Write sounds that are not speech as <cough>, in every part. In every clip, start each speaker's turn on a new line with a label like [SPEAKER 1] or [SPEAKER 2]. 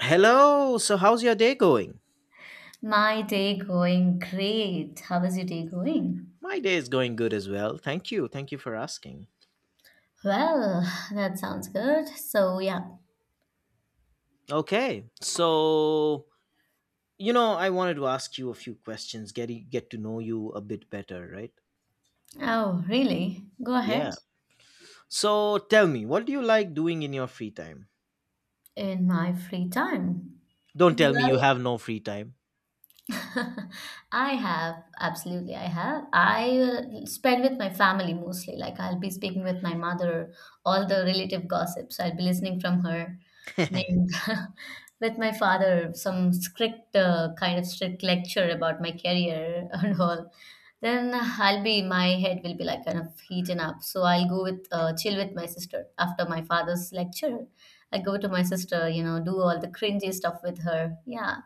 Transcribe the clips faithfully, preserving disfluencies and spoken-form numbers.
[SPEAKER 1] Hello. So, how's your day going?
[SPEAKER 2] My day going great. How is your day going?
[SPEAKER 1] My day is going good as well. Thank you. Thank you for asking.
[SPEAKER 2] Well, that sounds good. So, yeah.
[SPEAKER 1] Okay. So, you know, I wanted to ask you a few questions, get get to know you a bit better, right?
[SPEAKER 2] Oh, really? Go ahead.
[SPEAKER 1] Yeah. So, tell me, what do you like doing in your free time?
[SPEAKER 2] In my free time.
[SPEAKER 1] Don't tell me you
[SPEAKER 2] Well,
[SPEAKER 1] have no free time.
[SPEAKER 2] <laughs> I have, absolutely, I have. I will spend with my family mostly. Like, I'll be speaking with my mother, all the relative gossips, I'll be listening from her.
[SPEAKER 1] <laughs>
[SPEAKER 2] And <laughs> with my father, some strict, uh, kind of strict lecture about my career <laughs> and all. Then I'll be, my head will be like kind of heating up. So I'll go with, uh, chill with my sister after my father's lecture. I go to my sister, you know, do all the cringy stuff with her. Yeah,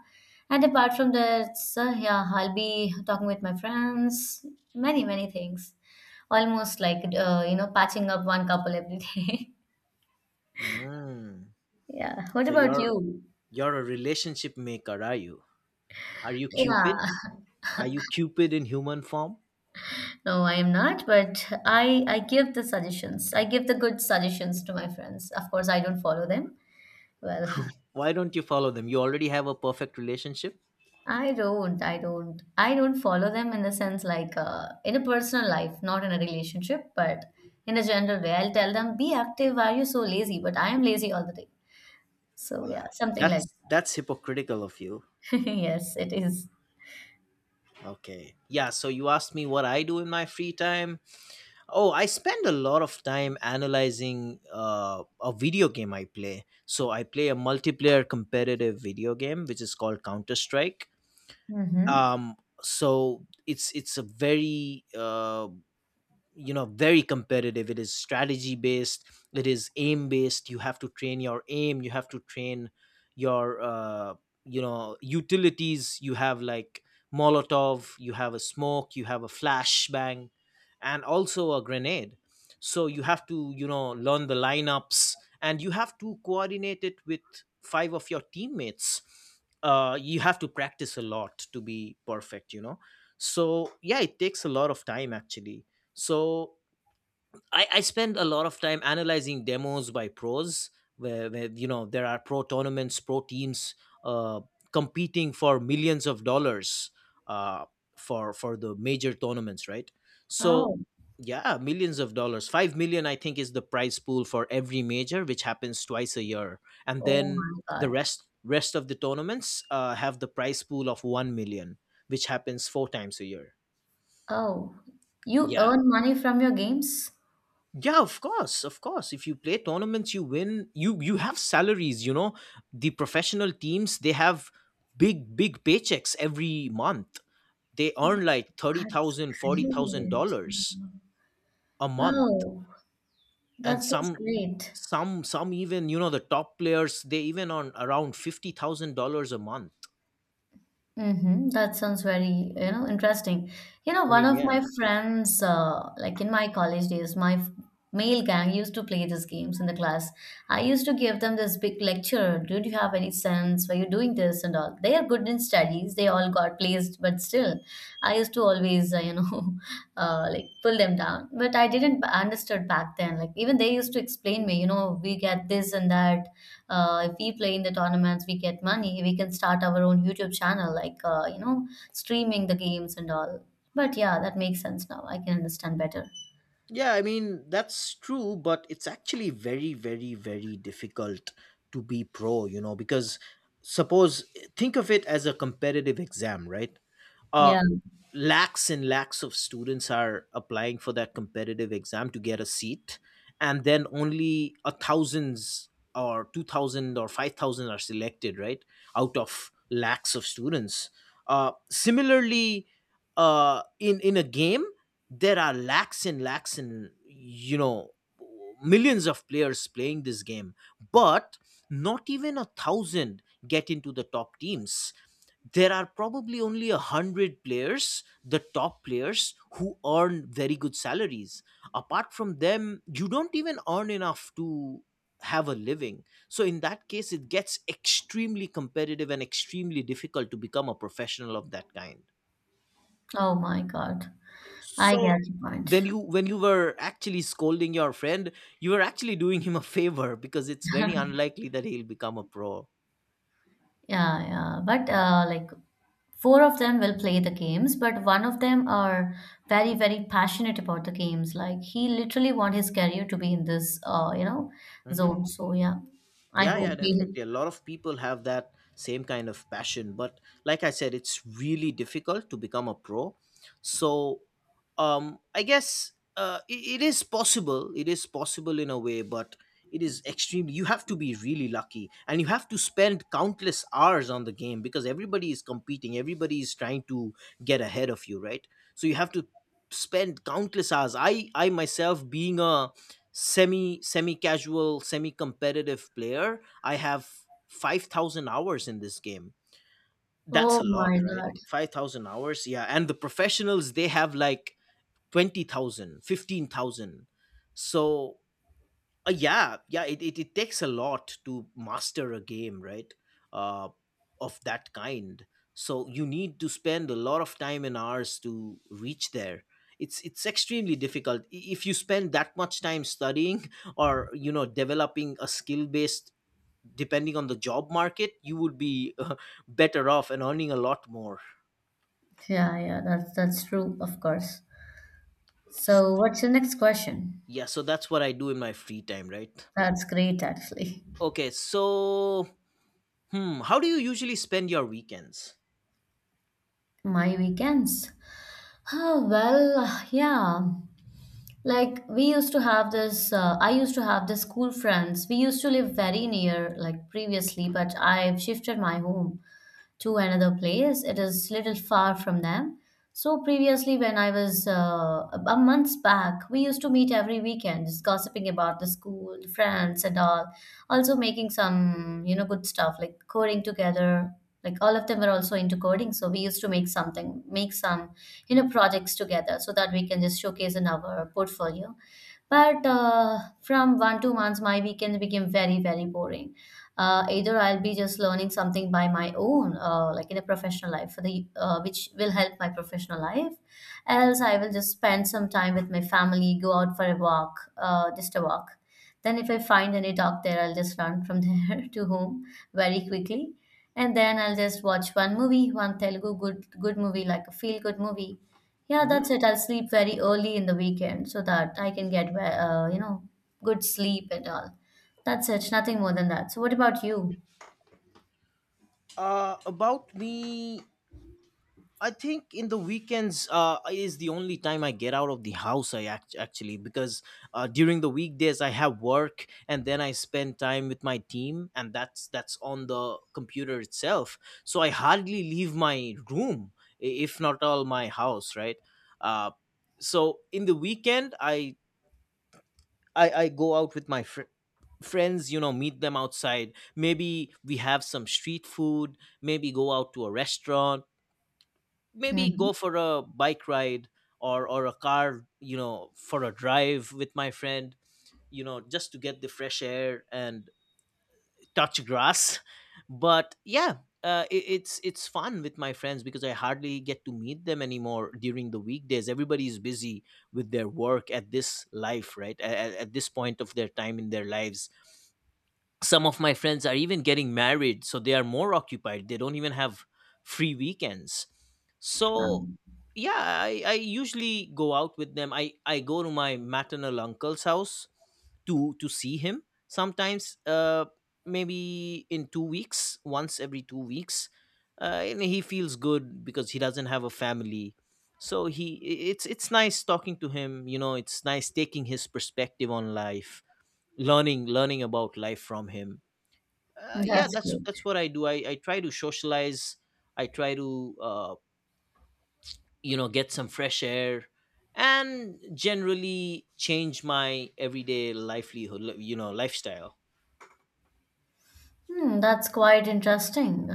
[SPEAKER 2] and apart from that, so yeah, I'll be talking with my friends, many, many things. Almost like, uh, you know, patching up one couple every day.
[SPEAKER 1] Mm.
[SPEAKER 2] <laughs> Yeah. What
[SPEAKER 1] So
[SPEAKER 2] about
[SPEAKER 1] you're
[SPEAKER 2] you?
[SPEAKER 1] you're a relationship maker, are you? Are you
[SPEAKER 2] Yeah.
[SPEAKER 1] Cupid? Are you Cupid in human form?
[SPEAKER 2] No, I am not, but I I give the suggestions. I give the good suggestions to my friends. Of course, I don't follow them. Well,
[SPEAKER 1] Why don't you follow them? You already have a perfect relationship.
[SPEAKER 2] I don't, I don't, I don't follow them in the sense, like, uh, in a personal life, not in a relationship, but in a general way. I'll tell them, be active. Why are you so lazy? But I am lazy all the day. So
[SPEAKER 1] Well,
[SPEAKER 2] yeah, something like.
[SPEAKER 1] that's that's hypocritical of you.
[SPEAKER 2] <laughs> Yes, it is.
[SPEAKER 1] Okay. Yeah, so you asked me what I do in my free time. Oh, I spend a lot of time analyzing uh, a video game I play. So I play a multiplayer competitive video game which is called Counter-Strike.
[SPEAKER 2] Mm-hmm.
[SPEAKER 1] Um so it's it's a very uh, you know, very competitive. It is strategy based, it is aim based. You have to train your aim, you have to train your uh, you know, utilities. You have like molotov, you have a smoke, you have a flashbang, and also a grenade. So you have to, you know, learn the lineups and you have to coordinate it with five of your teammates. Uh, you have to practice a lot to be perfect, you know. So yeah, it takes a lot of time actually. So I, I spend a lot of time analyzing demos by pros, where, where you know, there are pro tournaments, pro teams uh, competing for millions of dollars uh, for for the major tournaments, right? So
[SPEAKER 2] Oh,
[SPEAKER 1] yeah, millions of dollars. five million, I think, is the prize pool for every major, which happens twice a year. And
[SPEAKER 2] oh
[SPEAKER 1] then
[SPEAKER 2] my
[SPEAKER 1] the
[SPEAKER 2] God.
[SPEAKER 1] rest rest of the tournaments uh, have the prize pool of one million, which happens four times a year.
[SPEAKER 2] Oh, you
[SPEAKER 1] Yeah.
[SPEAKER 2] earn money from your games?
[SPEAKER 1] Yeah, of course, of course. If you play tournaments, you win, you you have salaries, you know. The professional teams, they have big big paychecks every month. They earn like thirty
[SPEAKER 2] That's
[SPEAKER 1] thousand, forty thousand
[SPEAKER 2] great.
[SPEAKER 1] dollars a month.
[SPEAKER 2] Oh,
[SPEAKER 1] And
[SPEAKER 2] that's that's
[SPEAKER 1] some,
[SPEAKER 2] great.
[SPEAKER 1] some some even, you know, the top players, they even earn around fifty thousand dollars a month.
[SPEAKER 2] Mm-hmm. That sounds very, you know, interesting. You know,
[SPEAKER 1] I
[SPEAKER 2] one
[SPEAKER 1] mean,
[SPEAKER 2] of
[SPEAKER 1] yeah.
[SPEAKER 2] my friends, uh, like in my college days, my f- male gang used to play these games in the class. I used to give them this big lecture. Do you have any sense? Why you doing this and all? They are good in studies. They all got placed, but still, I used to always, uh, you know, <laughs> uh, like pull them down. But I didn't b- understood back then. Like, even they used to explain me, you know, we get this and that. Uh, if we play in the tournaments, we get money. We can start our own YouTube channel, like, uh, you know streaming the games and all. But yeah, that makes sense now. I can understand better.
[SPEAKER 1] Yeah, I mean, that's true, but it's actually very, very, very difficult to be pro, you know, because suppose think of it as a competitive exam, right? Uh,
[SPEAKER 2] Yeah.
[SPEAKER 1] Lakhs and lakhs of students are applying for that competitive exam to get a seat, and then only a thousands or two thousand or five thousand are selected, right? Out of lakhs of students, uh, similarly uh, in in a game, there are lakhs and lakhs, and you know, millions of players playing this game. But not even a thousand get into the top teams. There are probably only a hundred players, the top players, who earn very good salaries. Apart from them, you don't even earn enough to have a living. So in that case, it gets extremely competitive and extremely difficult to become a professional of that kind.
[SPEAKER 2] Oh my God. I
[SPEAKER 1] So
[SPEAKER 2] get your
[SPEAKER 1] when
[SPEAKER 2] point.
[SPEAKER 1] you when you were actually scolding your friend, you were actually doing him a favor because it's very unlikely that he'll become a pro.
[SPEAKER 2] Yeah, yeah, but, uh, like, four of them will play the games, but one of them are very, very passionate about the games. Like, he literally want his career to be in this, uh, you know
[SPEAKER 1] Mhm.
[SPEAKER 2] zone. So yeah. I
[SPEAKER 1] Yeah,
[SPEAKER 2] hope
[SPEAKER 1] yeah,
[SPEAKER 2] he.
[SPEAKER 1] definitely. A lot of people have that same kind of passion, but like I said, it's really difficult to become a pro. So, um, I guess uh, it, it is possible. It is possible in a way, but it is extremely. You have to be really lucky, and you have to spend countless hours on the game because everybody is competing. Everybody is trying to get ahead of you, right? So you have to spend countless hours. I, I myself, being a semi semi casual, semi competitive player, I have five thousand hours in this game. That's a
[SPEAKER 2] Oh
[SPEAKER 1] lot,
[SPEAKER 2] my
[SPEAKER 1] right?
[SPEAKER 2] God.
[SPEAKER 1] five thousand hours. Yeah, and the professionals, they have like twenty thousand, fifteen thousand. So uh, yeah, yeah, it, it, it takes a lot to master a game, right? Uh, of that kind. So you need to spend a lot of time and hours to reach there. It's it's extremely difficult. I- if you spend that much time studying <laughs> or you know, developing a skill based. Depending on the job market, you would be <laughs> uh, better off and earning a lot more.
[SPEAKER 2] Yeah, yeah, that's that's true, of course. So, what's your next question?
[SPEAKER 1] Yeah, so that's what I do in my free time, right?
[SPEAKER 2] That's great, actually.
[SPEAKER 1] Okay, so hmm, how do you usually spend your weekends?
[SPEAKER 2] My weekends. Oh, well, yeah. Like, we used to have this, uh, I used to have this school friends. We used to live very near, like previously, but I've shifted my home to another place. It is little far from them. So previously, when I was uh, a months back, we used to meet every weekend, just gossiping about the school, friends, and all. Also making some, you know, good stuff like coding together. Like, all of them were also into coding, so we used to make something, make some, you know, projects together, so that we can just showcase in our portfolio. But uh, from one two months, my weekends became very, very boring. Uh, either I'll be just learning something by my own, uh, like in a professional life, for the uh, which will help my professional life. Else, I will just spend some time with my family, go out for a walk, uh, just a walk. Then, if I find any dog there, I'll just run from <laughs> there to home very quickly. And then I'll just watch one movie, one Telugu good good movie, like a feel good movie. Yeah,
[SPEAKER 1] Mm-hmm.
[SPEAKER 2] that's it. I'll sleep very early in the weekend so that I can get, uh, you know, good sleep and all. That's it. Nothing more than that. So, what about you?
[SPEAKER 1] Uh, about me, I think in the weekends uh, is the only time I get out of the house. I act- actually, because uh, during the weekdays I have work, and then I spend time with my team, and that's that's on the computer itself. So I hardly leave my room, i- if not all my house, right? Uh, so in the weekend, I I, I go out with my fr- friends. You know, meet them outside. Maybe we have some street food. Maybe go out to a restaurant, maybe
[SPEAKER 2] Hmm.
[SPEAKER 1] go for a bike ride, or or a car, you know, for a drive with my friend. You know, just to get the fresh air and touch grass. <laughs> But yeah, uh, it, it's it's fun with my friends because I hardly get to meet them anymore during the weekdays. Everybody is busy with their work at this life, right? At, at this point of their time in their lives, some of my friends are even getting married, so they are more occupied. They don't even have free weekends. So
[SPEAKER 2] Um,
[SPEAKER 1] yeah, i, I usually go out with them. I, I go to my maternal uncle's house to to see him sometimes. Uh maybe in two weeks, once every two weeks. Uh, and he feels good because he doesn't have a family. So he i- it's it's nice talking to him, you know, it's nice taking his perspective on life, learning learning about life from him. Uh, yeah,
[SPEAKER 2] that's
[SPEAKER 1] that's
[SPEAKER 2] good.
[SPEAKER 1] that's what I do. I, I try to socialize, I try to uh, you know, get some fresh air and generally change my everyday livelihood, li- you know, lifestyle.
[SPEAKER 2] Hmm, that's quite interesting.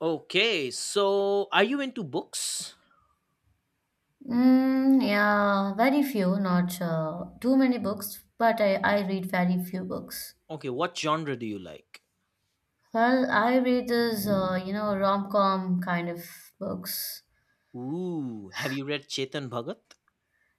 [SPEAKER 1] Okay, so are you into books?
[SPEAKER 2] Mm, yeah, very few, not uh, too many books, but I, I read very few books.
[SPEAKER 1] Okay, what genre do you like?
[SPEAKER 2] Well, I read this, uh, you know, rom-com kind of books.
[SPEAKER 1] Ooh, have you read Chetan Bhagat?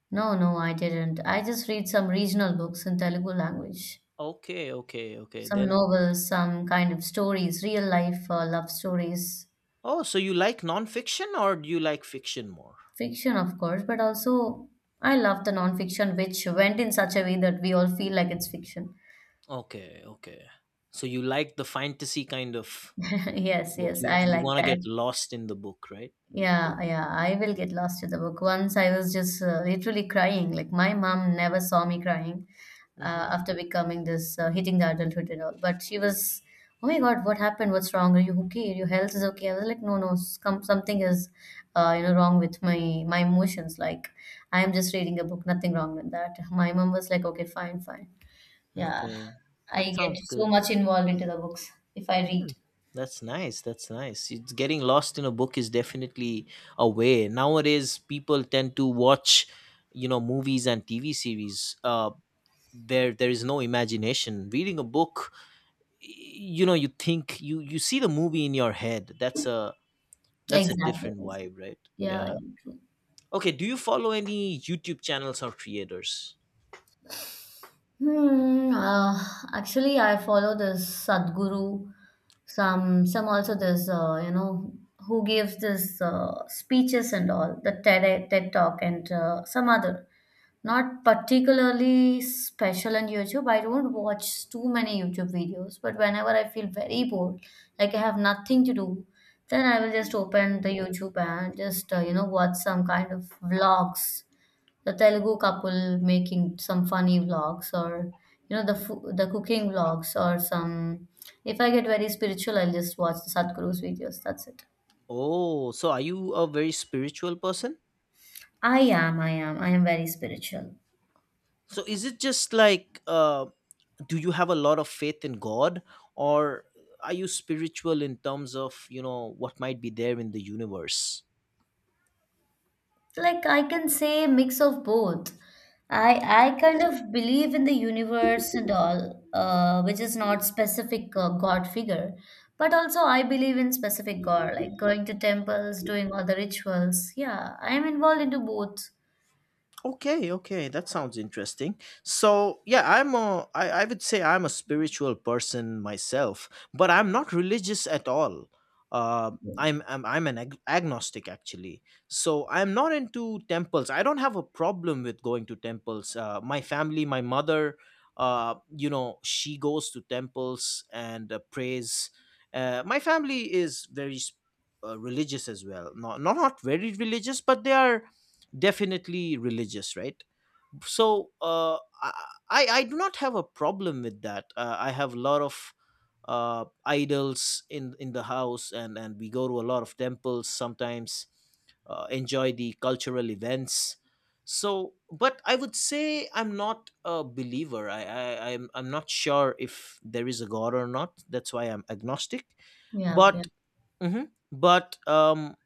[SPEAKER 2] No, no, I didn't. I just read some regional books in Telugu language.
[SPEAKER 1] Okay, okay, okay,
[SPEAKER 2] Some
[SPEAKER 1] then.
[SPEAKER 2] novels, some kind of stories, real life uh, love stories,
[SPEAKER 1] Oh, so you like nonfiction, or do you like fiction more?
[SPEAKER 2] fiction, of course, but also I love the non-fiction, which went in such a way that we all feel like it's fiction.
[SPEAKER 1] Okay, okay. So you like the fantasy kind of
[SPEAKER 2] <laughs> Yes,
[SPEAKER 1] book.
[SPEAKER 2] yes,
[SPEAKER 1] You
[SPEAKER 2] I
[SPEAKER 1] you
[SPEAKER 2] like
[SPEAKER 1] want to
[SPEAKER 2] that.
[SPEAKER 1] get lost in the book, right?
[SPEAKER 2] Yeah, yeah, I will get lost to the book. Once I was just uh, literally crying. Like, my mom never saw me crying
[SPEAKER 1] Mm-hmm.
[SPEAKER 2] uh, after becoming this uh, hitting the adulthood and all. But she was, oh my God, what happened? What's wrong? Are you okay? Your health is okay? I was like, no, no, some, something is, uh, you know, wrong with my my emotions. Like, I am just reading a book. Nothing wrong with that. My mom was like, okay, fine, fine. Yeah,
[SPEAKER 1] Okay,
[SPEAKER 2] I
[SPEAKER 1] that
[SPEAKER 2] get
[SPEAKER 1] sounds
[SPEAKER 2] so
[SPEAKER 1] good.
[SPEAKER 2] much involved into the books if I read.
[SPEAKER 1] Mm, that's nice. That's nice. It's getting lost in a book is definitely a way. Nowadays, people tend to watch, you know, movies and T V series. Uh, there there is no imagination. Reading a book, y- you know, you think you you see the movie in your head. That's a that's a
[SPEAKER 2] Exactly.
[SPEAKER 1] different vibe, right?
[SPEAKER 2] Yeah.
[SPEAKER 1] Yeah. Okay. Do you follow any YouTube channels or creators?
[SPEAKER 2] Hmm. Uh, actually, I follow this Sadhguru. Some, some also this, uh, you know, who gives this uh, speeches and all the TED TED Talk and uh, some other. Not particularly special on YouTube. I don't watch too many YouTube videos, but whenever I feel very bored, like I have nothing to do, then I will just open the YouTube and just uh, you know watch some kind of vlogs, the Telugu couple making some funny vlogs, or you know the fo- the cooking vlogs, or some. If I get very spiritual, I'll just watch the Sadhguru's videos. That's it.
[SPEAKER 1] Oh, so are you a very spiritual person?
[SPEAKER 2] I am I am I am very spiritual.
[SPEAKER 1] So is it just like, uh do you have a lot of faith in God? Or are you spiritual in terms of, you know, what might be there in the universe?
[SPEAKER 2] Like, I can say mix of both. I I kind of believe in the universe and all, uh, which is not specific uh, God figure, but also I believe in specific God, like going to temples, doing all the rituals. Yeah, I am involved into both.
[SPEAKER 1] Okay, okay, that sounds interesting. So, yeah, I'm a, I, I would say I'm a spiritual person myself, but I'm not religious at all. Uh, I'm, I'm, I'm an ag- agnostic actually. So, I'm not into temples. I don't have a problem with going to temples. Uh, my family, my mother, uh, you know, she goes to temples and uh, prays. Uh, my family is very s- uh, religious as well. Not, not, not very religious, but they are definitely religious, right? So uh, I I do not have a problem with that. uh, I have a lot of uh, idols in in the house, and and we go to a lot of temples sometimes. Uh, enjoy the cultural events. So but I would say I'm not a believer. I, I i'm i'm not sure if there is a god or not. That's why I'm agnostic.
[SPEAKER 2] Yeah, yeah.
[SPEAKER 1] But mhm. But um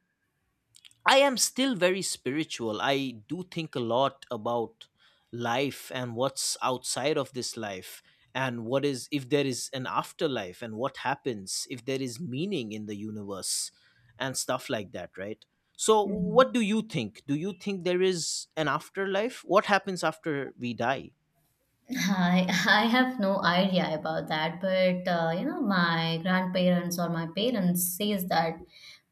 [SPEAKER 1] i am still very spiritual. I do think a lot about life, and what's outside of this life, and what is, if there is an afterlife, and what happens, if there is meaning in the universe and stuff like that, right? So
[SPEAKER 2] Mhm.
[SPEAKER 1] what do you think? Do you think there is an afterlife? What happens after we die?
[SPEAKER 2] I I have no idea about that, but uh, you know, my grandparents or my parents says that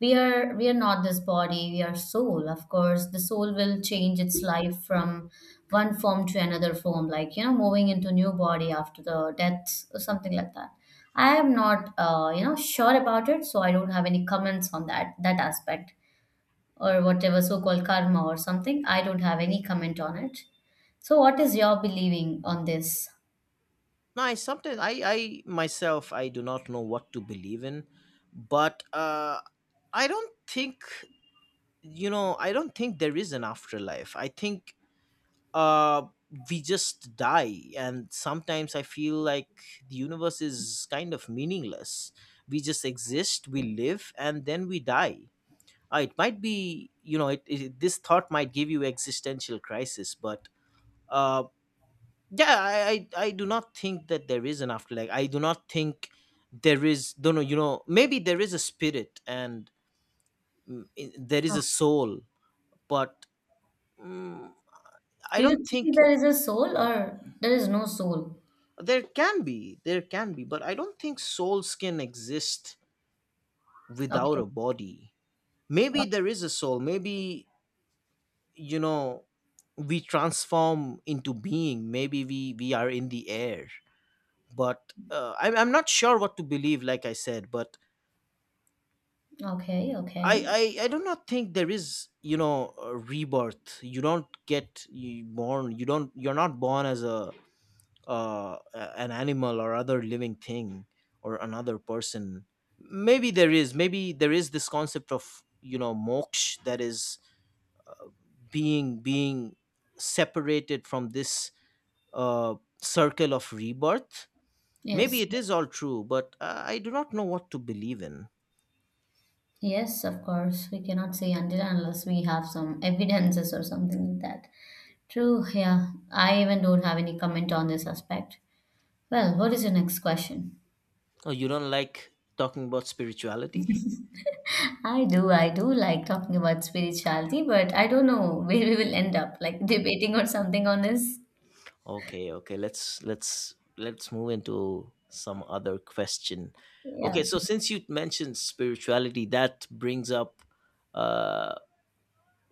[SPEAKER 2] we are we are not this body, we are soul. Of course, the soul will change its life from one form to another form, like, you know, moving into new body after the death or something like that. I am not uh, you know sure about it, so I don't have any comments on that that aspect or whatever so-called karma or something. I don't have any comment on it. So, what is your believing on this?
[SPEAKER 1] No, I sometimes I I myself I do not know what to believe in, but uh I don't think, you know I don't think there is an afterlife. I think uh we just die, and sometimes I feel like the universe is kind of meaningless. We just exist, we live, and then we die. Uh, it might be, you know it, it, this thought might give you existential crisis, but uh yeah, I, I i do not think that there is an afterlife. I do not think there is. Don't know. You know maybe there is a spirit, and i- there is a soul, but I
[SPEAKER 2] Do you
[SPEAKER 1] don't
[SPEAKER 2] think
[SPEAKER 1] think.
[SPEAKER 2] there is a soul or there is no soul?
[SPEAKER 1] There can be, there can be, but I don't think soul can exist without
[SPEAKER 2] Okay.
[SPEAKER 1] a body. Maybe there is a soul. Maybe you know we transform into being. Maybe we we are in the air. But uh, I'm I'm not sure what to believe. Like I said, but
[SPEAKER 2] Okay,
[SPEAKER 1] I
[SPEAKER 2] okay.
[SPEAKER 1] I I do not think there is, you know a rebirth. You don't get you born. You don't. You're not born as a uh, a- an animal or other living thing, or another person. Maybe there is maybe there is this concept of you know moksha, that is being being separated from this uh, circle of rebirth. Maybe
[SPEAKER 2] Yes.
[SPEAKER 1] it is all true, but uh, I do not know what to believe in.
[SPEAKER 2] Yes, of course. We cannot say until and unless we have some evidences or something like that. True, yeah. I even don't have any comment on this aspect. Well, what is your next question?
[SPEAKER 1] Oh, you don't like talking about spirituality?
[SPEAKER 2] I do, I do like talking about spirituality, but I don't know where we will end up, like debating or something on this.
[SPEAKER 1] Okay, okay. Let's let's let's move into some other question.
[SPEAKER 2] Yeah.
[SPEAKER 1] Okay, so since you mentioned spirituality, that brings up uh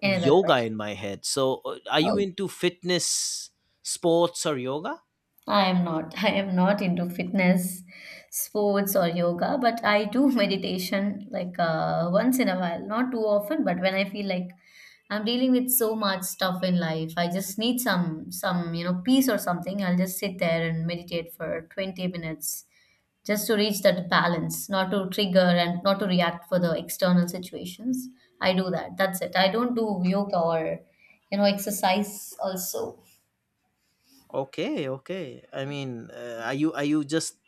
[SPEAKER 2] Another
[SPEAKER 1] yoga
[SPEAKER 2] question.
[SPEAKER 1] in my head. So, uh, are you
[SPEAKER 2] Oh,
[SPEAKER 1] into fitness, sports, or yoga?
[SPEAKER 2] I am not. <laughs> I am not into fitness, sports, or yoga, but I do <laughs> meditation, like, uh, once in a while, not too often, but when I feel like I'm dealing with so much stuff in life, I just need some some you know peace or something. I'll just sit there and meditate for 20 minutes just to reach that balance, not to trigger and not to react for the external situations. I do that. That's it. I don't do yoga or you know exercise also.
[SPEAKER 1] Okay, okay. I mean, uh, are you are you just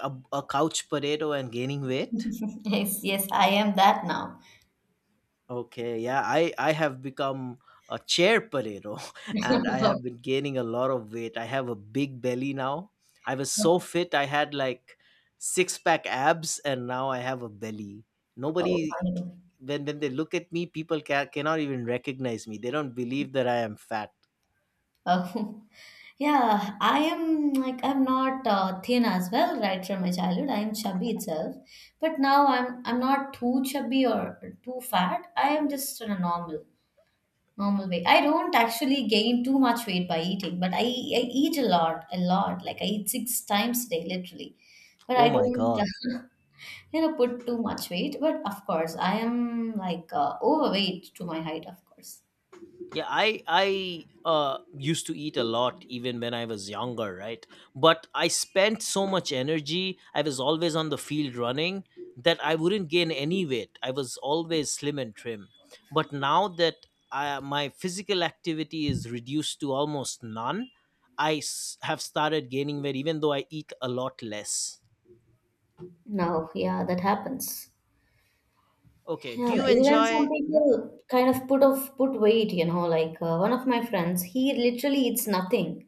[SPEAKER 1] a, a couch potato and gaining weight?
[SPEAKER 2] <laughs> Yes, yes, I am that now.
[SPEAKER 1] Okay, yeah, I I have become a chair potato, <laughs> and I have
[SPEAKER 2] Oh,
[SPEAKER 1] been gaining a lot of weight. I have a big belly now. I was so fit. I had like six pack abs, and now I have a belly.
[SPEAKER 2] oh,
[SPEAKER 1] Nobody,
[SPEAKER 2] funny.
[SPEAKER 1] when when they look at me, people ca- cannot even recognize me. They don't believe that I am fat.
[SPEAKER 2] Oh, <laughs> yeah, I am, like, I'm not uh, thin as well, right from my childhood. I am chubby itself, but now I'm I'm not too chubby or too fat. I am just in a normal normal weight. I don't actually gain too much weight by eating, but I I eat a lot, a lot. Like, I eat six times a day, literally. But
[SPEAKER 1] Oh
[SPEAKER 2] I
[SPEAKER 1] my
[SPEAKER 2] don't,
[SPEAKER 1] god.
[SPEAKER 2] <laughs> you know, put too much weight. But of course, I am, like, uh, overweight to my height, of course.
[SPEAKER 1] Yeah, I I uh used to eat a lot even when I was younger, right? But I spent so much energy. I was always on the field running that I wouldn't gain any weight. I was always slim and trim. But now that I, my physical activity is reduced to almost none, I s- have started gaining weight even though I eat a lot less.
[SPEAKER 2] No, yeah, that happens.
[SPEAKER 1] Okay, do
[SPEAKER 2] Yeah,
[SPEAKER 1] you
[SPEAKER 2] even some
[SPEAKER 1] enjoy?
[SPEAKER 2] people kind of put off put weight, you know, like, uh, one of my friends, he literally eats nothing.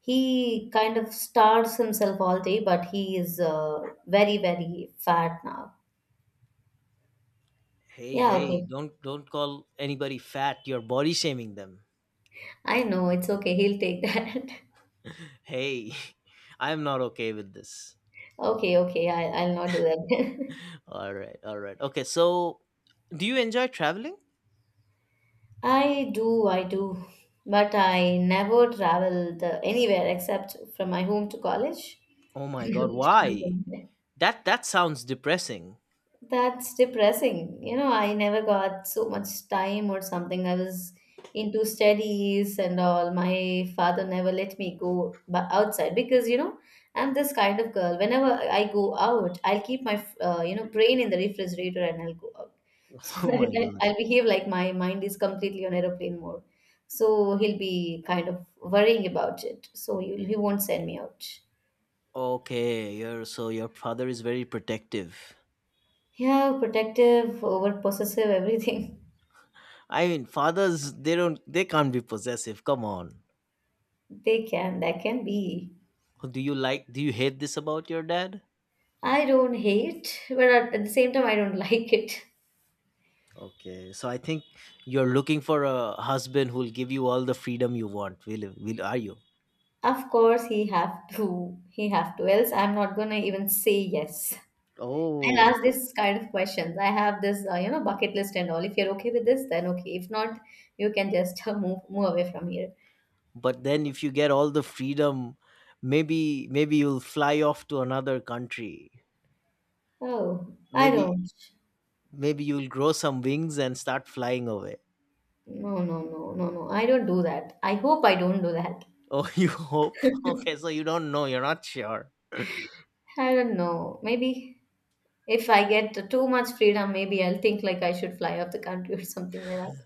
[SPEAKER 2] He kind of starves himself all day, but he is uh, very, very fat now.
[SPEAKER 1] Hey,
[SPEAKER 2] Yeah,
[SPEAKER 1] hey,
[SPEAKER 2] okay.
[SPEAKER 1] don't don't call anybody fat. You're body shaming them.
[SPEAKER 2] I know, it's okay. He'll take that. <laughs>
[SPEAKER 1] Hey, <laughs> I'm not okay with this.
[SPEAKER 2] Okay, okay, I, I'll not do that.
[SPEAKER 1] All right, all right. Okay, so do you enjoy traveling?
[SPEAKER 2] <laughs> I do, I do. But I never traveled uh, anywhere except from my home to college.
[SPEAKER 1] Oh my god, why?
[SPEAKER 2] <laughs>
[SPEAKER 1] That that sounds depressing.
[SPEAKER 2] That's depressing. You know, I never got so much time or something. I was into studies and all. My father never let me go ba- outside because, you know, I'm this kind of girl. Whenever I go out, I'll keep my, uh, you know, brain in the refrigerator and I'll go out. So
[SPEAKER 1] <laughs>
[SPEAKER 2] <laughs>
[SPEAKER 1] Oh my
[SPEAKER 2] that
[SPEAKER 1] god.
[SPEAKER 2] I- I'll behave like my mind is completely on aeroplane mode. So he'll be kind of worrying about it. So he'll- he won't send me out.
[SPEAKER 1] Okay, your so your father is very protective.
[SPEAKER 2] Yeah, protective, over possessive, <laughs> everything.
[SPEAKER 1] I mean, fathers they don't they can't be possessive. Come on.
[SPEAKER 2] They can, that can be.
[SPEAKER 1] Do you like do you hate this about your dad?
[SPEAKER 2] I don't hate, but at at the same time, I don't <laughs> like it.
[SPEAKER 1] Okay, so I think you're looking for a husband who'll give you all the freedom you want. Will, will are you?
[SPEAKER 2] Of course, he have to. He have to. Else, I'm not gonna even say yes. I'll
[SPEAKER 1] Oh,
[SPEAKER 2] ask
[SPEAKER 1] so,
[SPEAKER 2] this kind of questions. I have this, uh, you know, bucket list and all. If you're okay with this, then okay. If not, you can just <laughs> uh, move move away from here.
[SPEAKER 1] but then if you get all the freedom, maybe maybe you'll fly off to another country.
[SPEAKER 2] Oh, I
[SPEAKER 1] maybe
[SPEAKER 2] don't.
[SPEAKER 1] maybe you'll grow some wings and start flying away.
[SPEAKER 2] No, no, no, no, no. I don't do that. I hope I don't do that.
[SPEAKER 1] Oh, <laughs> you hope? Okay, so you don't know, you're not sure?
[SPEAKER 2] I don't know. Maybe if I get too much freedom, maybe I'll think like I should fly off the country <laughs> or something like that.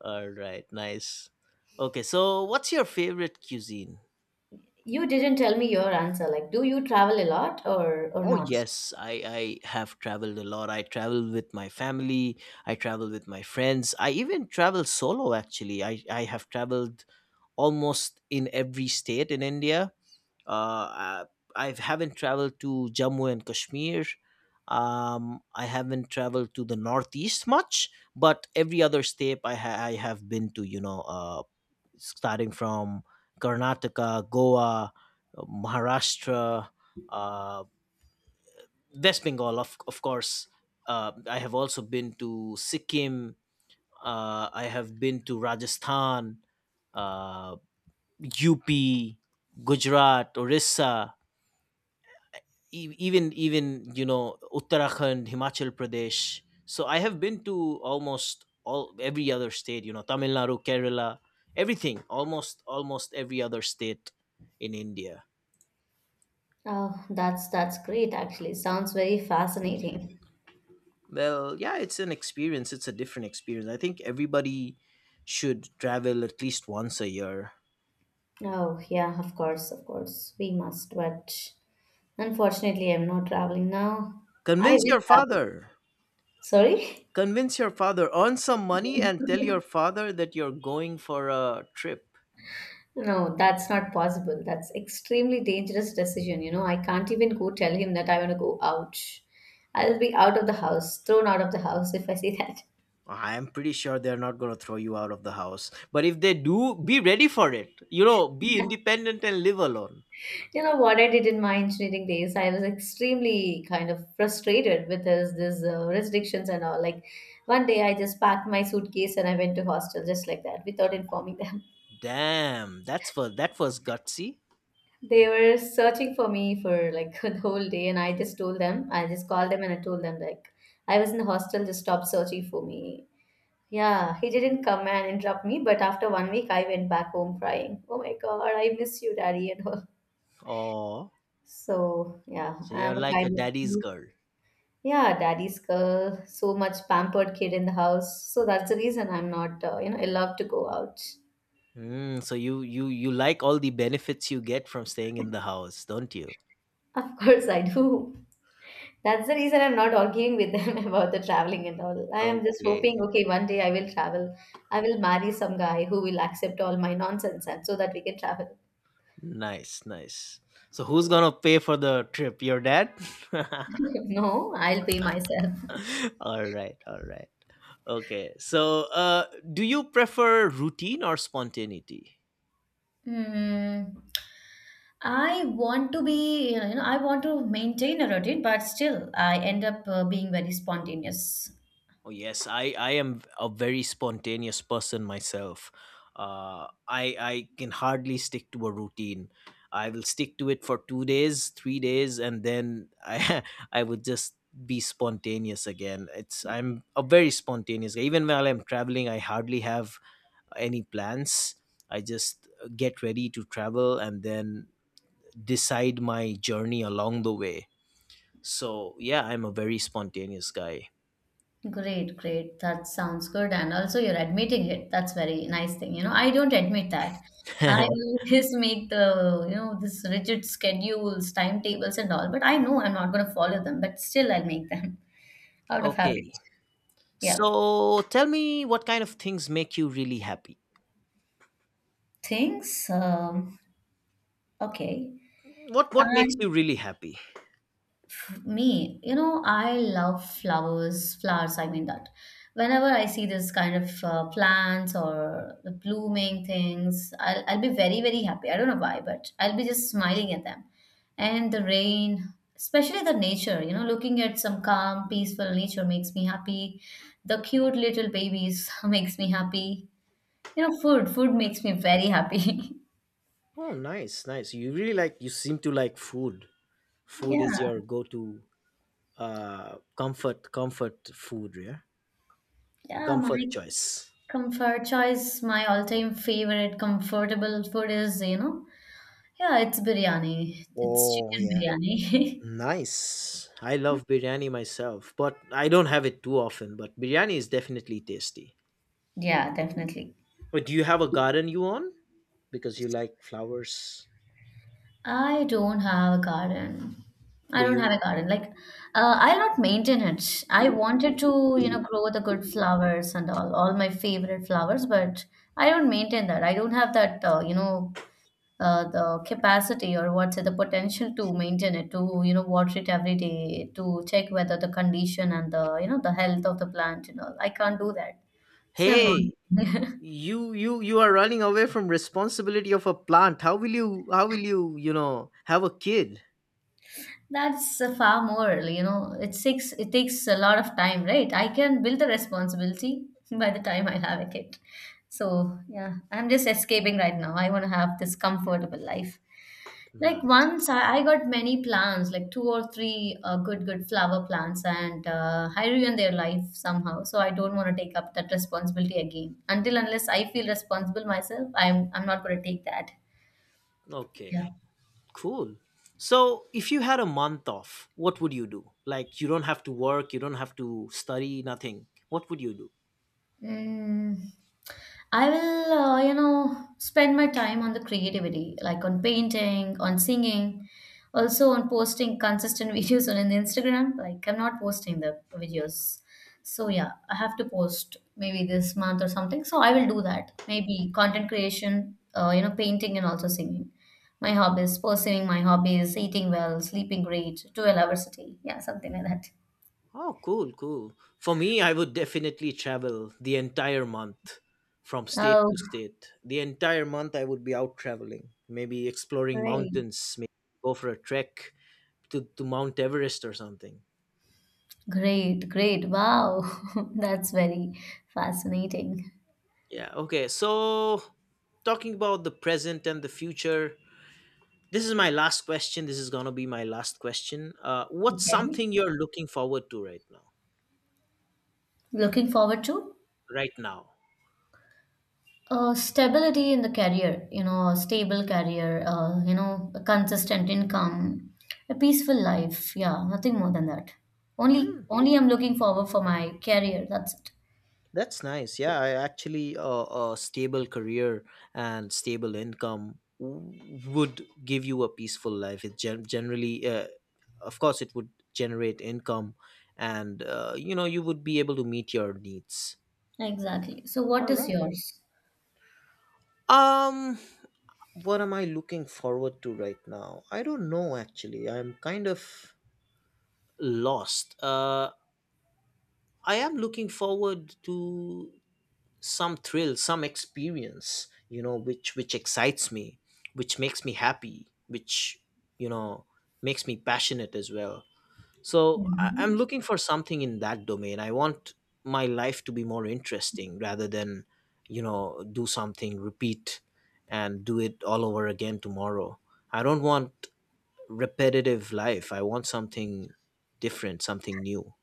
[SPEAKER 1] All right, nice. Okay, so what's your favorite cuisine?
[SPEAKER 2] You didn't tell me your answer. Like, do you travel a lot or or
[SPEAKER 1] Oh
[SPEAKER 2] not?
[SPEAKER 1] yes, i i have traveled a lot. I travel with my family, I travel with my friends, I even travel solo. Actually, i i have traveled almost in every state in India. Uh, I, I haven't traveled to Jammu and Kashmir. Um, I haven't traveled to the Northeast much, but every other state I, ha- I have been to, you know, uh, starting from Karnataka, Goa, uh, Maharashtra, uh, West Bengal, of, of course. Uh, I have also been to Sikkim. Uh, I have been to Rajasthan, uh, U P, Gujarat, Orissa. e- even even you know Uttarakhand, Himachal Pradesh. So I have been to almost all every other state, you know Tamil Nadu, Kerala, everything. Almost almost every other state in India.
[SPEAKER 2] Oh, that's that's great actually. Sounds very fascinating.
[SPEAKER 1] Well, yeah, it's an experience. It's a different experience. I think everybody should travel at least once a year.
[SPEAKER 2] Oh, yeah, of course, of course. We must, but unfortunately, I'm not traveling now. I
[SPEAKER 1] convince
[SPEAKER 2] will
[SPEAKER 1] your
[SPEAKER 2] travel.
[SPEAKER 1] father
[SPEAKER 2] Sorry?
[SPEAKER 1] convince your father earn some money, and tell your
[SPEAKER 2] <laughs>
[SPEAKER 1] father that you're going for a trip.
[SPEAKER 2] No, that's not possible. That's extremely dangerous decision, you know. I can't even go tell him that I want to go out. I'll be out of the house, thrown out of the house if I say that.
[SPEAKER 1] I'm pretty sure they're not going to throw you out of the house. But if they do, be ready for it. You know, be
[SPEAKER 2] <laughs>
[SPEAKER 1] independent and live alone.
[SPEAKER 2] You know what I did in my engineering days? I was extremely kind of frustrated with this, this uh, restrictions and all. Like one day, I just packed my suitcase and I went to hostel just like that without informing them. <laughs>
[SPEAKER 1] Damn, that's for that was gutsy.
[SPEAKER 2] They were searching for me for like <laughs> the whole day, and I just told them. I just called them and I told them like I was in the hostel. Just stop searching for me. Yeah, he didn't come and interrupt me, but after one week, I went back home crying. Oh my God, I miss you, Daddy, and all.
[SPEAKER 1] Oh,
[SPEAKER 2] So yeah,
[SPEAKER 1] so you're
[SPEAKER 2] I'm a
[SPEAKER 1] like a
[SPEAKER 2] kind
[SPEAKER 1] daddy's
[SPEAKER 2] of.
[SPEAKER 1] girl.
[SPEAKER 2] Yeah, daddy's girl, so much pampered kid in the house. So that's the reason I'm not, uh, you know, allowed to go out.
[SPEAKER 1] Mm, so you you you like all the benefits you get from staying in the house, don't you?
[SPEAKER 2] <laughs> Of course, I do. That's the reason I'm not arguing with them <laughs> about the traveling and all. I am just hoping,
[SPEAKER 1] Okay,
[SPEAKER 2] okay, one day I will travel. I will marry some guy who will accept all my nonsense and so that we can travel.
[SPEAKER 1] nice, nice. So who's gonna pay for the trip? Your dad? <laughs>
[SPEAKER 2] <laughs> No, I'll pay myself.
[SPEAKER 1] <laughs> All right, all right. Okay, so uh do you prefer routine or spontaneity?
[SPEAKER 2] Hmm. I want to be, you know, I want to maintain a routine, but still I end up uh, being very spontaneous.
[SPEAKER 1] Oh yes, i i am a very spontaneous person myself. Uh i i can hardly stick to a routine. I will stick to it for two days, three days, and then I, <laughs> I would just be spontaneous again. It's I'm a very spontaneous guy. Even while I'm traveling, I hardly have any plans. I just get ready to travel and then decide my journey along the way. So, yeah, I'm a very spontaneous guy.
[SPEAKER 2] Great, great. That sounds good. And also, you're admitting it. That's very nice thing. You know, I don't admit that. I
[SPEAKER 1] <laughs>
[SPEAKER 2] always <laughs> make the, you know, this rigid schedules, timetables, and all, but I know I'm not going to follow them, but still I'll make them <laughs> out of
[SPEAKER 1] Okay.
[SPEAKER 2] habit. Yeah.
[SPEAKER 1] So, tell me, what kind of things make you really happy?
[SPEAKER 2] Things, um, okay.
[SPEAKER 1] What what makes you really happy?
[SPEAKER 2] Me, you know, I love flowers, flowers, I mean that. Whenever I see this kind of uh, plants or the blooming things, I'll, I'll be very, very happy. I don't know why, but I'll be just smiling at them. And the rain, especially the nature, you know, looking at some calm, peaceful nature makes me happy. The cute little babies <laughs> makes me happy. You know, food, food makes me very happy. <laughs>
[SPEAKER 1] Oh, nice, nice. You really like you seem to like food. Food
[SPEAKER 2] Yeah,
[SPEAKER 1] is your go-to uh comfort comfort food, yeah?
[SPEAKER 2] yeah, my.
[SPEAKER 1] Comfort choice.
[SPEAKER 2] Comfort choice, my all-time favorite comfortable food is, you know, yeah, it's biryani. It's
[SPEAKER 1] Oh,
[SPEAKER 2] chicken
[SPEAKER 1] yeah.
[SPEAKER 2] biryani. <laughs>
[SPEAKER 1] Nice. I love biryani myself, but I don't have it too often, but biryani is definitely tasty.
[SPEAKER 2] Yeah, definitely.
[SPEAKER 1] But do you have a garden you own? Because you like flowers.
[SPEAKER 2] I don't have a garden. I
[SPEAKER 1] But
[SPEAKER 2] don't have
[SPEAKER 1] you.
[SPEAKER 2] a garden. Like, uh, I'll not maintain it. I wanted to, you know, grow the good flowers and all, all my favorite flowers, but I don't maintain that. I don't have that, uh, you know, uh, the capacity or what's it? The potential to maintain it, to, you know, water it every day, to check whether the condition and the, you know, the health of the plant and all. I can't do that, so I'm
[SPEAKER 1] Hey,
[SPEAKER 2] not <laughs>
[SPEAKER 1] you you you are running away from responsibility of a plant. How will you how will you, you know, have a kid?
[SPEAKER 2] That's uh, far more, you know, it takes it takes a lot of time, right? I can build the responsibility <laughs> by the time I have a kid. So yeah, I'm just escaping right now. I want to have this comfortable life. Like
[SPEAKER 1] Right.
[SPEAKER 2] once I, I got many plants, like two or three uh, good good flower plants, and uh, I ruined their life somehow. So I don't want to take up that responsibility again. Until unless I feel responsible myself, I'm I'm not going to take that.
[SPEAKER 1] Okay.
[SPEAKER 2] Yeah.
[SPEAKER 1] Cool. So, if you had a month off, what would you do? Like you don't have to work, you don't have to study, nothing. What would you do?
[SPEAKER 2] Mm, I will, uh, you know, spend my time on the creativity, like on painting, on singing, also on posting consistent <laughs> videos on in Instagram. Like I'm not posting the videos, so yeah, I have to post maybe this month or something. So I will do that. Maybe content creation, uh, you know, painting and also singing. My hobbies, pursuing my hobbies, eating well, sleeping great, twelve hours a day, yeah, something like that.
[SPEAKER 1] Oh, cool, cool. For me, I would definitely travel the entire month from state
[SPEAKER 2] Oh,
[SPEAKER 1] to state. The entire month, I would be out traveling, maybe exploring
[SPEAKER 2] great.
[SPEAKER 1] mountains, maybe go for a trek to, to Mount Everest or something.
[SPEAKER 2] Great, great. Wow. <laughs> That's very fascinating.
[SPEAKER 1] Yeah, okay. So, talking about the present and the future, this is my last question. This is going to be my last question. Uh, what's
[SPEAKER 2] Okay.
[SPEAKER 1] something you're looking forward to right now?
[SPEAKER 2] Looking forward to
[SPEAKER 1] Right now?
[SPEAKER 2] uh, stability in the career, you know, a stable career, uh, you know, a consistent income, a peaceful life. Yeah, nothing more than that. Only,
[SPEAKER 1] Hmm.
[SPEAKER 2] only I'm looking forward for my career. That's it.
[SPEAKER 1] That's nice. Yeah, I actually uh, a stable career and stable income w- would give you a peaceful life. It gen- generally, uh, of course, it would generate income, and uh, you know you would be able to meet your needs.
[SPEAKER 2] Exactly. So,
[SPEAKER 1] All
[SPEAKER 2] what is
[SPEAKER 1] right.
[SPEAKER 2] yours?
[SPEAKER 1] Um, what am I looking forward to right now? I don't know actually. I'm kind of lost. Uh, I am looking forward to some thrill, some experience, you know which which excites me, which makes me happy, which you know makes me passionate as well. So I, I'm
[SPEAKER 2] Mhm.
[SPEAKER 1] looking for something in that domain. I want my life to be more interesting rather than, you know do something, repeat and do it all over again tomorrow. I don't want repetitive life. I want something different, something new.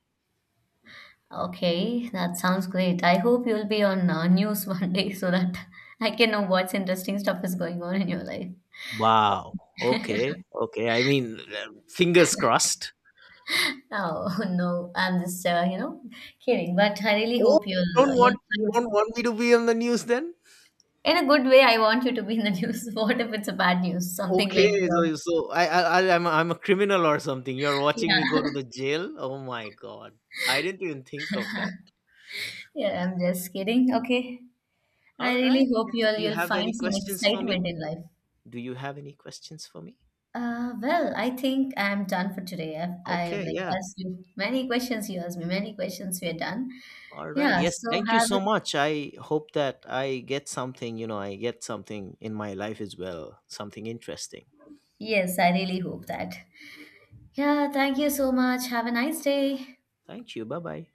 [SPEAKER 2] Okay, that sounds great. I hope you'll be on uh, news <laughs> one day so that I can know what's interesting stuff is going on in your life.
[SPEAKER 1] Wow, okay, okay. I mean, uh, fingers crossed.
[SPEAKER 2] Oh <laughs> no, I'm just uh, you know, kidding, but I really
[SPEAKER 1] Oh,
[SPEAKER 2] hope
[SPEAKER 1] you
[SPEAKER 2] you'll uh,
[SPEAKER 1] don't want
[SPEAKER 2] you'll
[SPEAKER 1] you
[SPEAKER 2] find
[SPEAKER 1] don't want me to be on the news then?
[SPEAKER 2] in a good way. I want you to be in the <laughs> news. What if it's a bad news? Something like
[SPEAKER 1] Okay,
[SPEAKER 2] uh,
[SPEAKER 1] so so I I I- I'm a, I'm a criminal or something. You're watching me go to
[SPEAKER 2] yeah,
[SPEAKER 1] the jail. Oh my god, I didn't even think of that.
[SPEAKER 2] <laughs> yeah. I'm just kidding. Okay, I
[SPEAKER 1] All
[SPEAKER 2] really
[SPEAKER 1] right.
[SPEAKER 2] hope
[SPEAKER 1] Yeah.
[SPEAKER 2] you'll
[SPEAKER 1] You
[SPEAKER 2] you'll
[SPEAKER 1] have any
[SPEAKER 2] find some
[SPEAKER 1] questions for me?
[SPEAKER 2] excitement in life.
[SPEAKER 1] Do you have any questions for me?
[SPEAKER 2] Uh, well, I think I'm done for today. I've, I've
[SPEAKER 1] Okay,
[SPEAKER 2] like
[SPEAKER 1] yeah.
[SPEAKER 2] asked you many questions. You asked me many questions. We're done.
[SPEAKER 1] All right.
[SPEAKER 2] Yeah.
[SPEAKER 1] Yes,
[SPEAKER 2] So
[SPEAKER 1] thank you
[SPEAKER 2] have
[SPEAKER 1] so
[SPEAKER 2] a,
[SPEAKER 1] much. I hope that I get something, you know, I get something in my life as well, something interesting.
[SPEAKER 2] yes, I really hope that. Yeah. Thank you so much. Have a nice day.
[SPEAKER 1] Thank you. Bye-bye.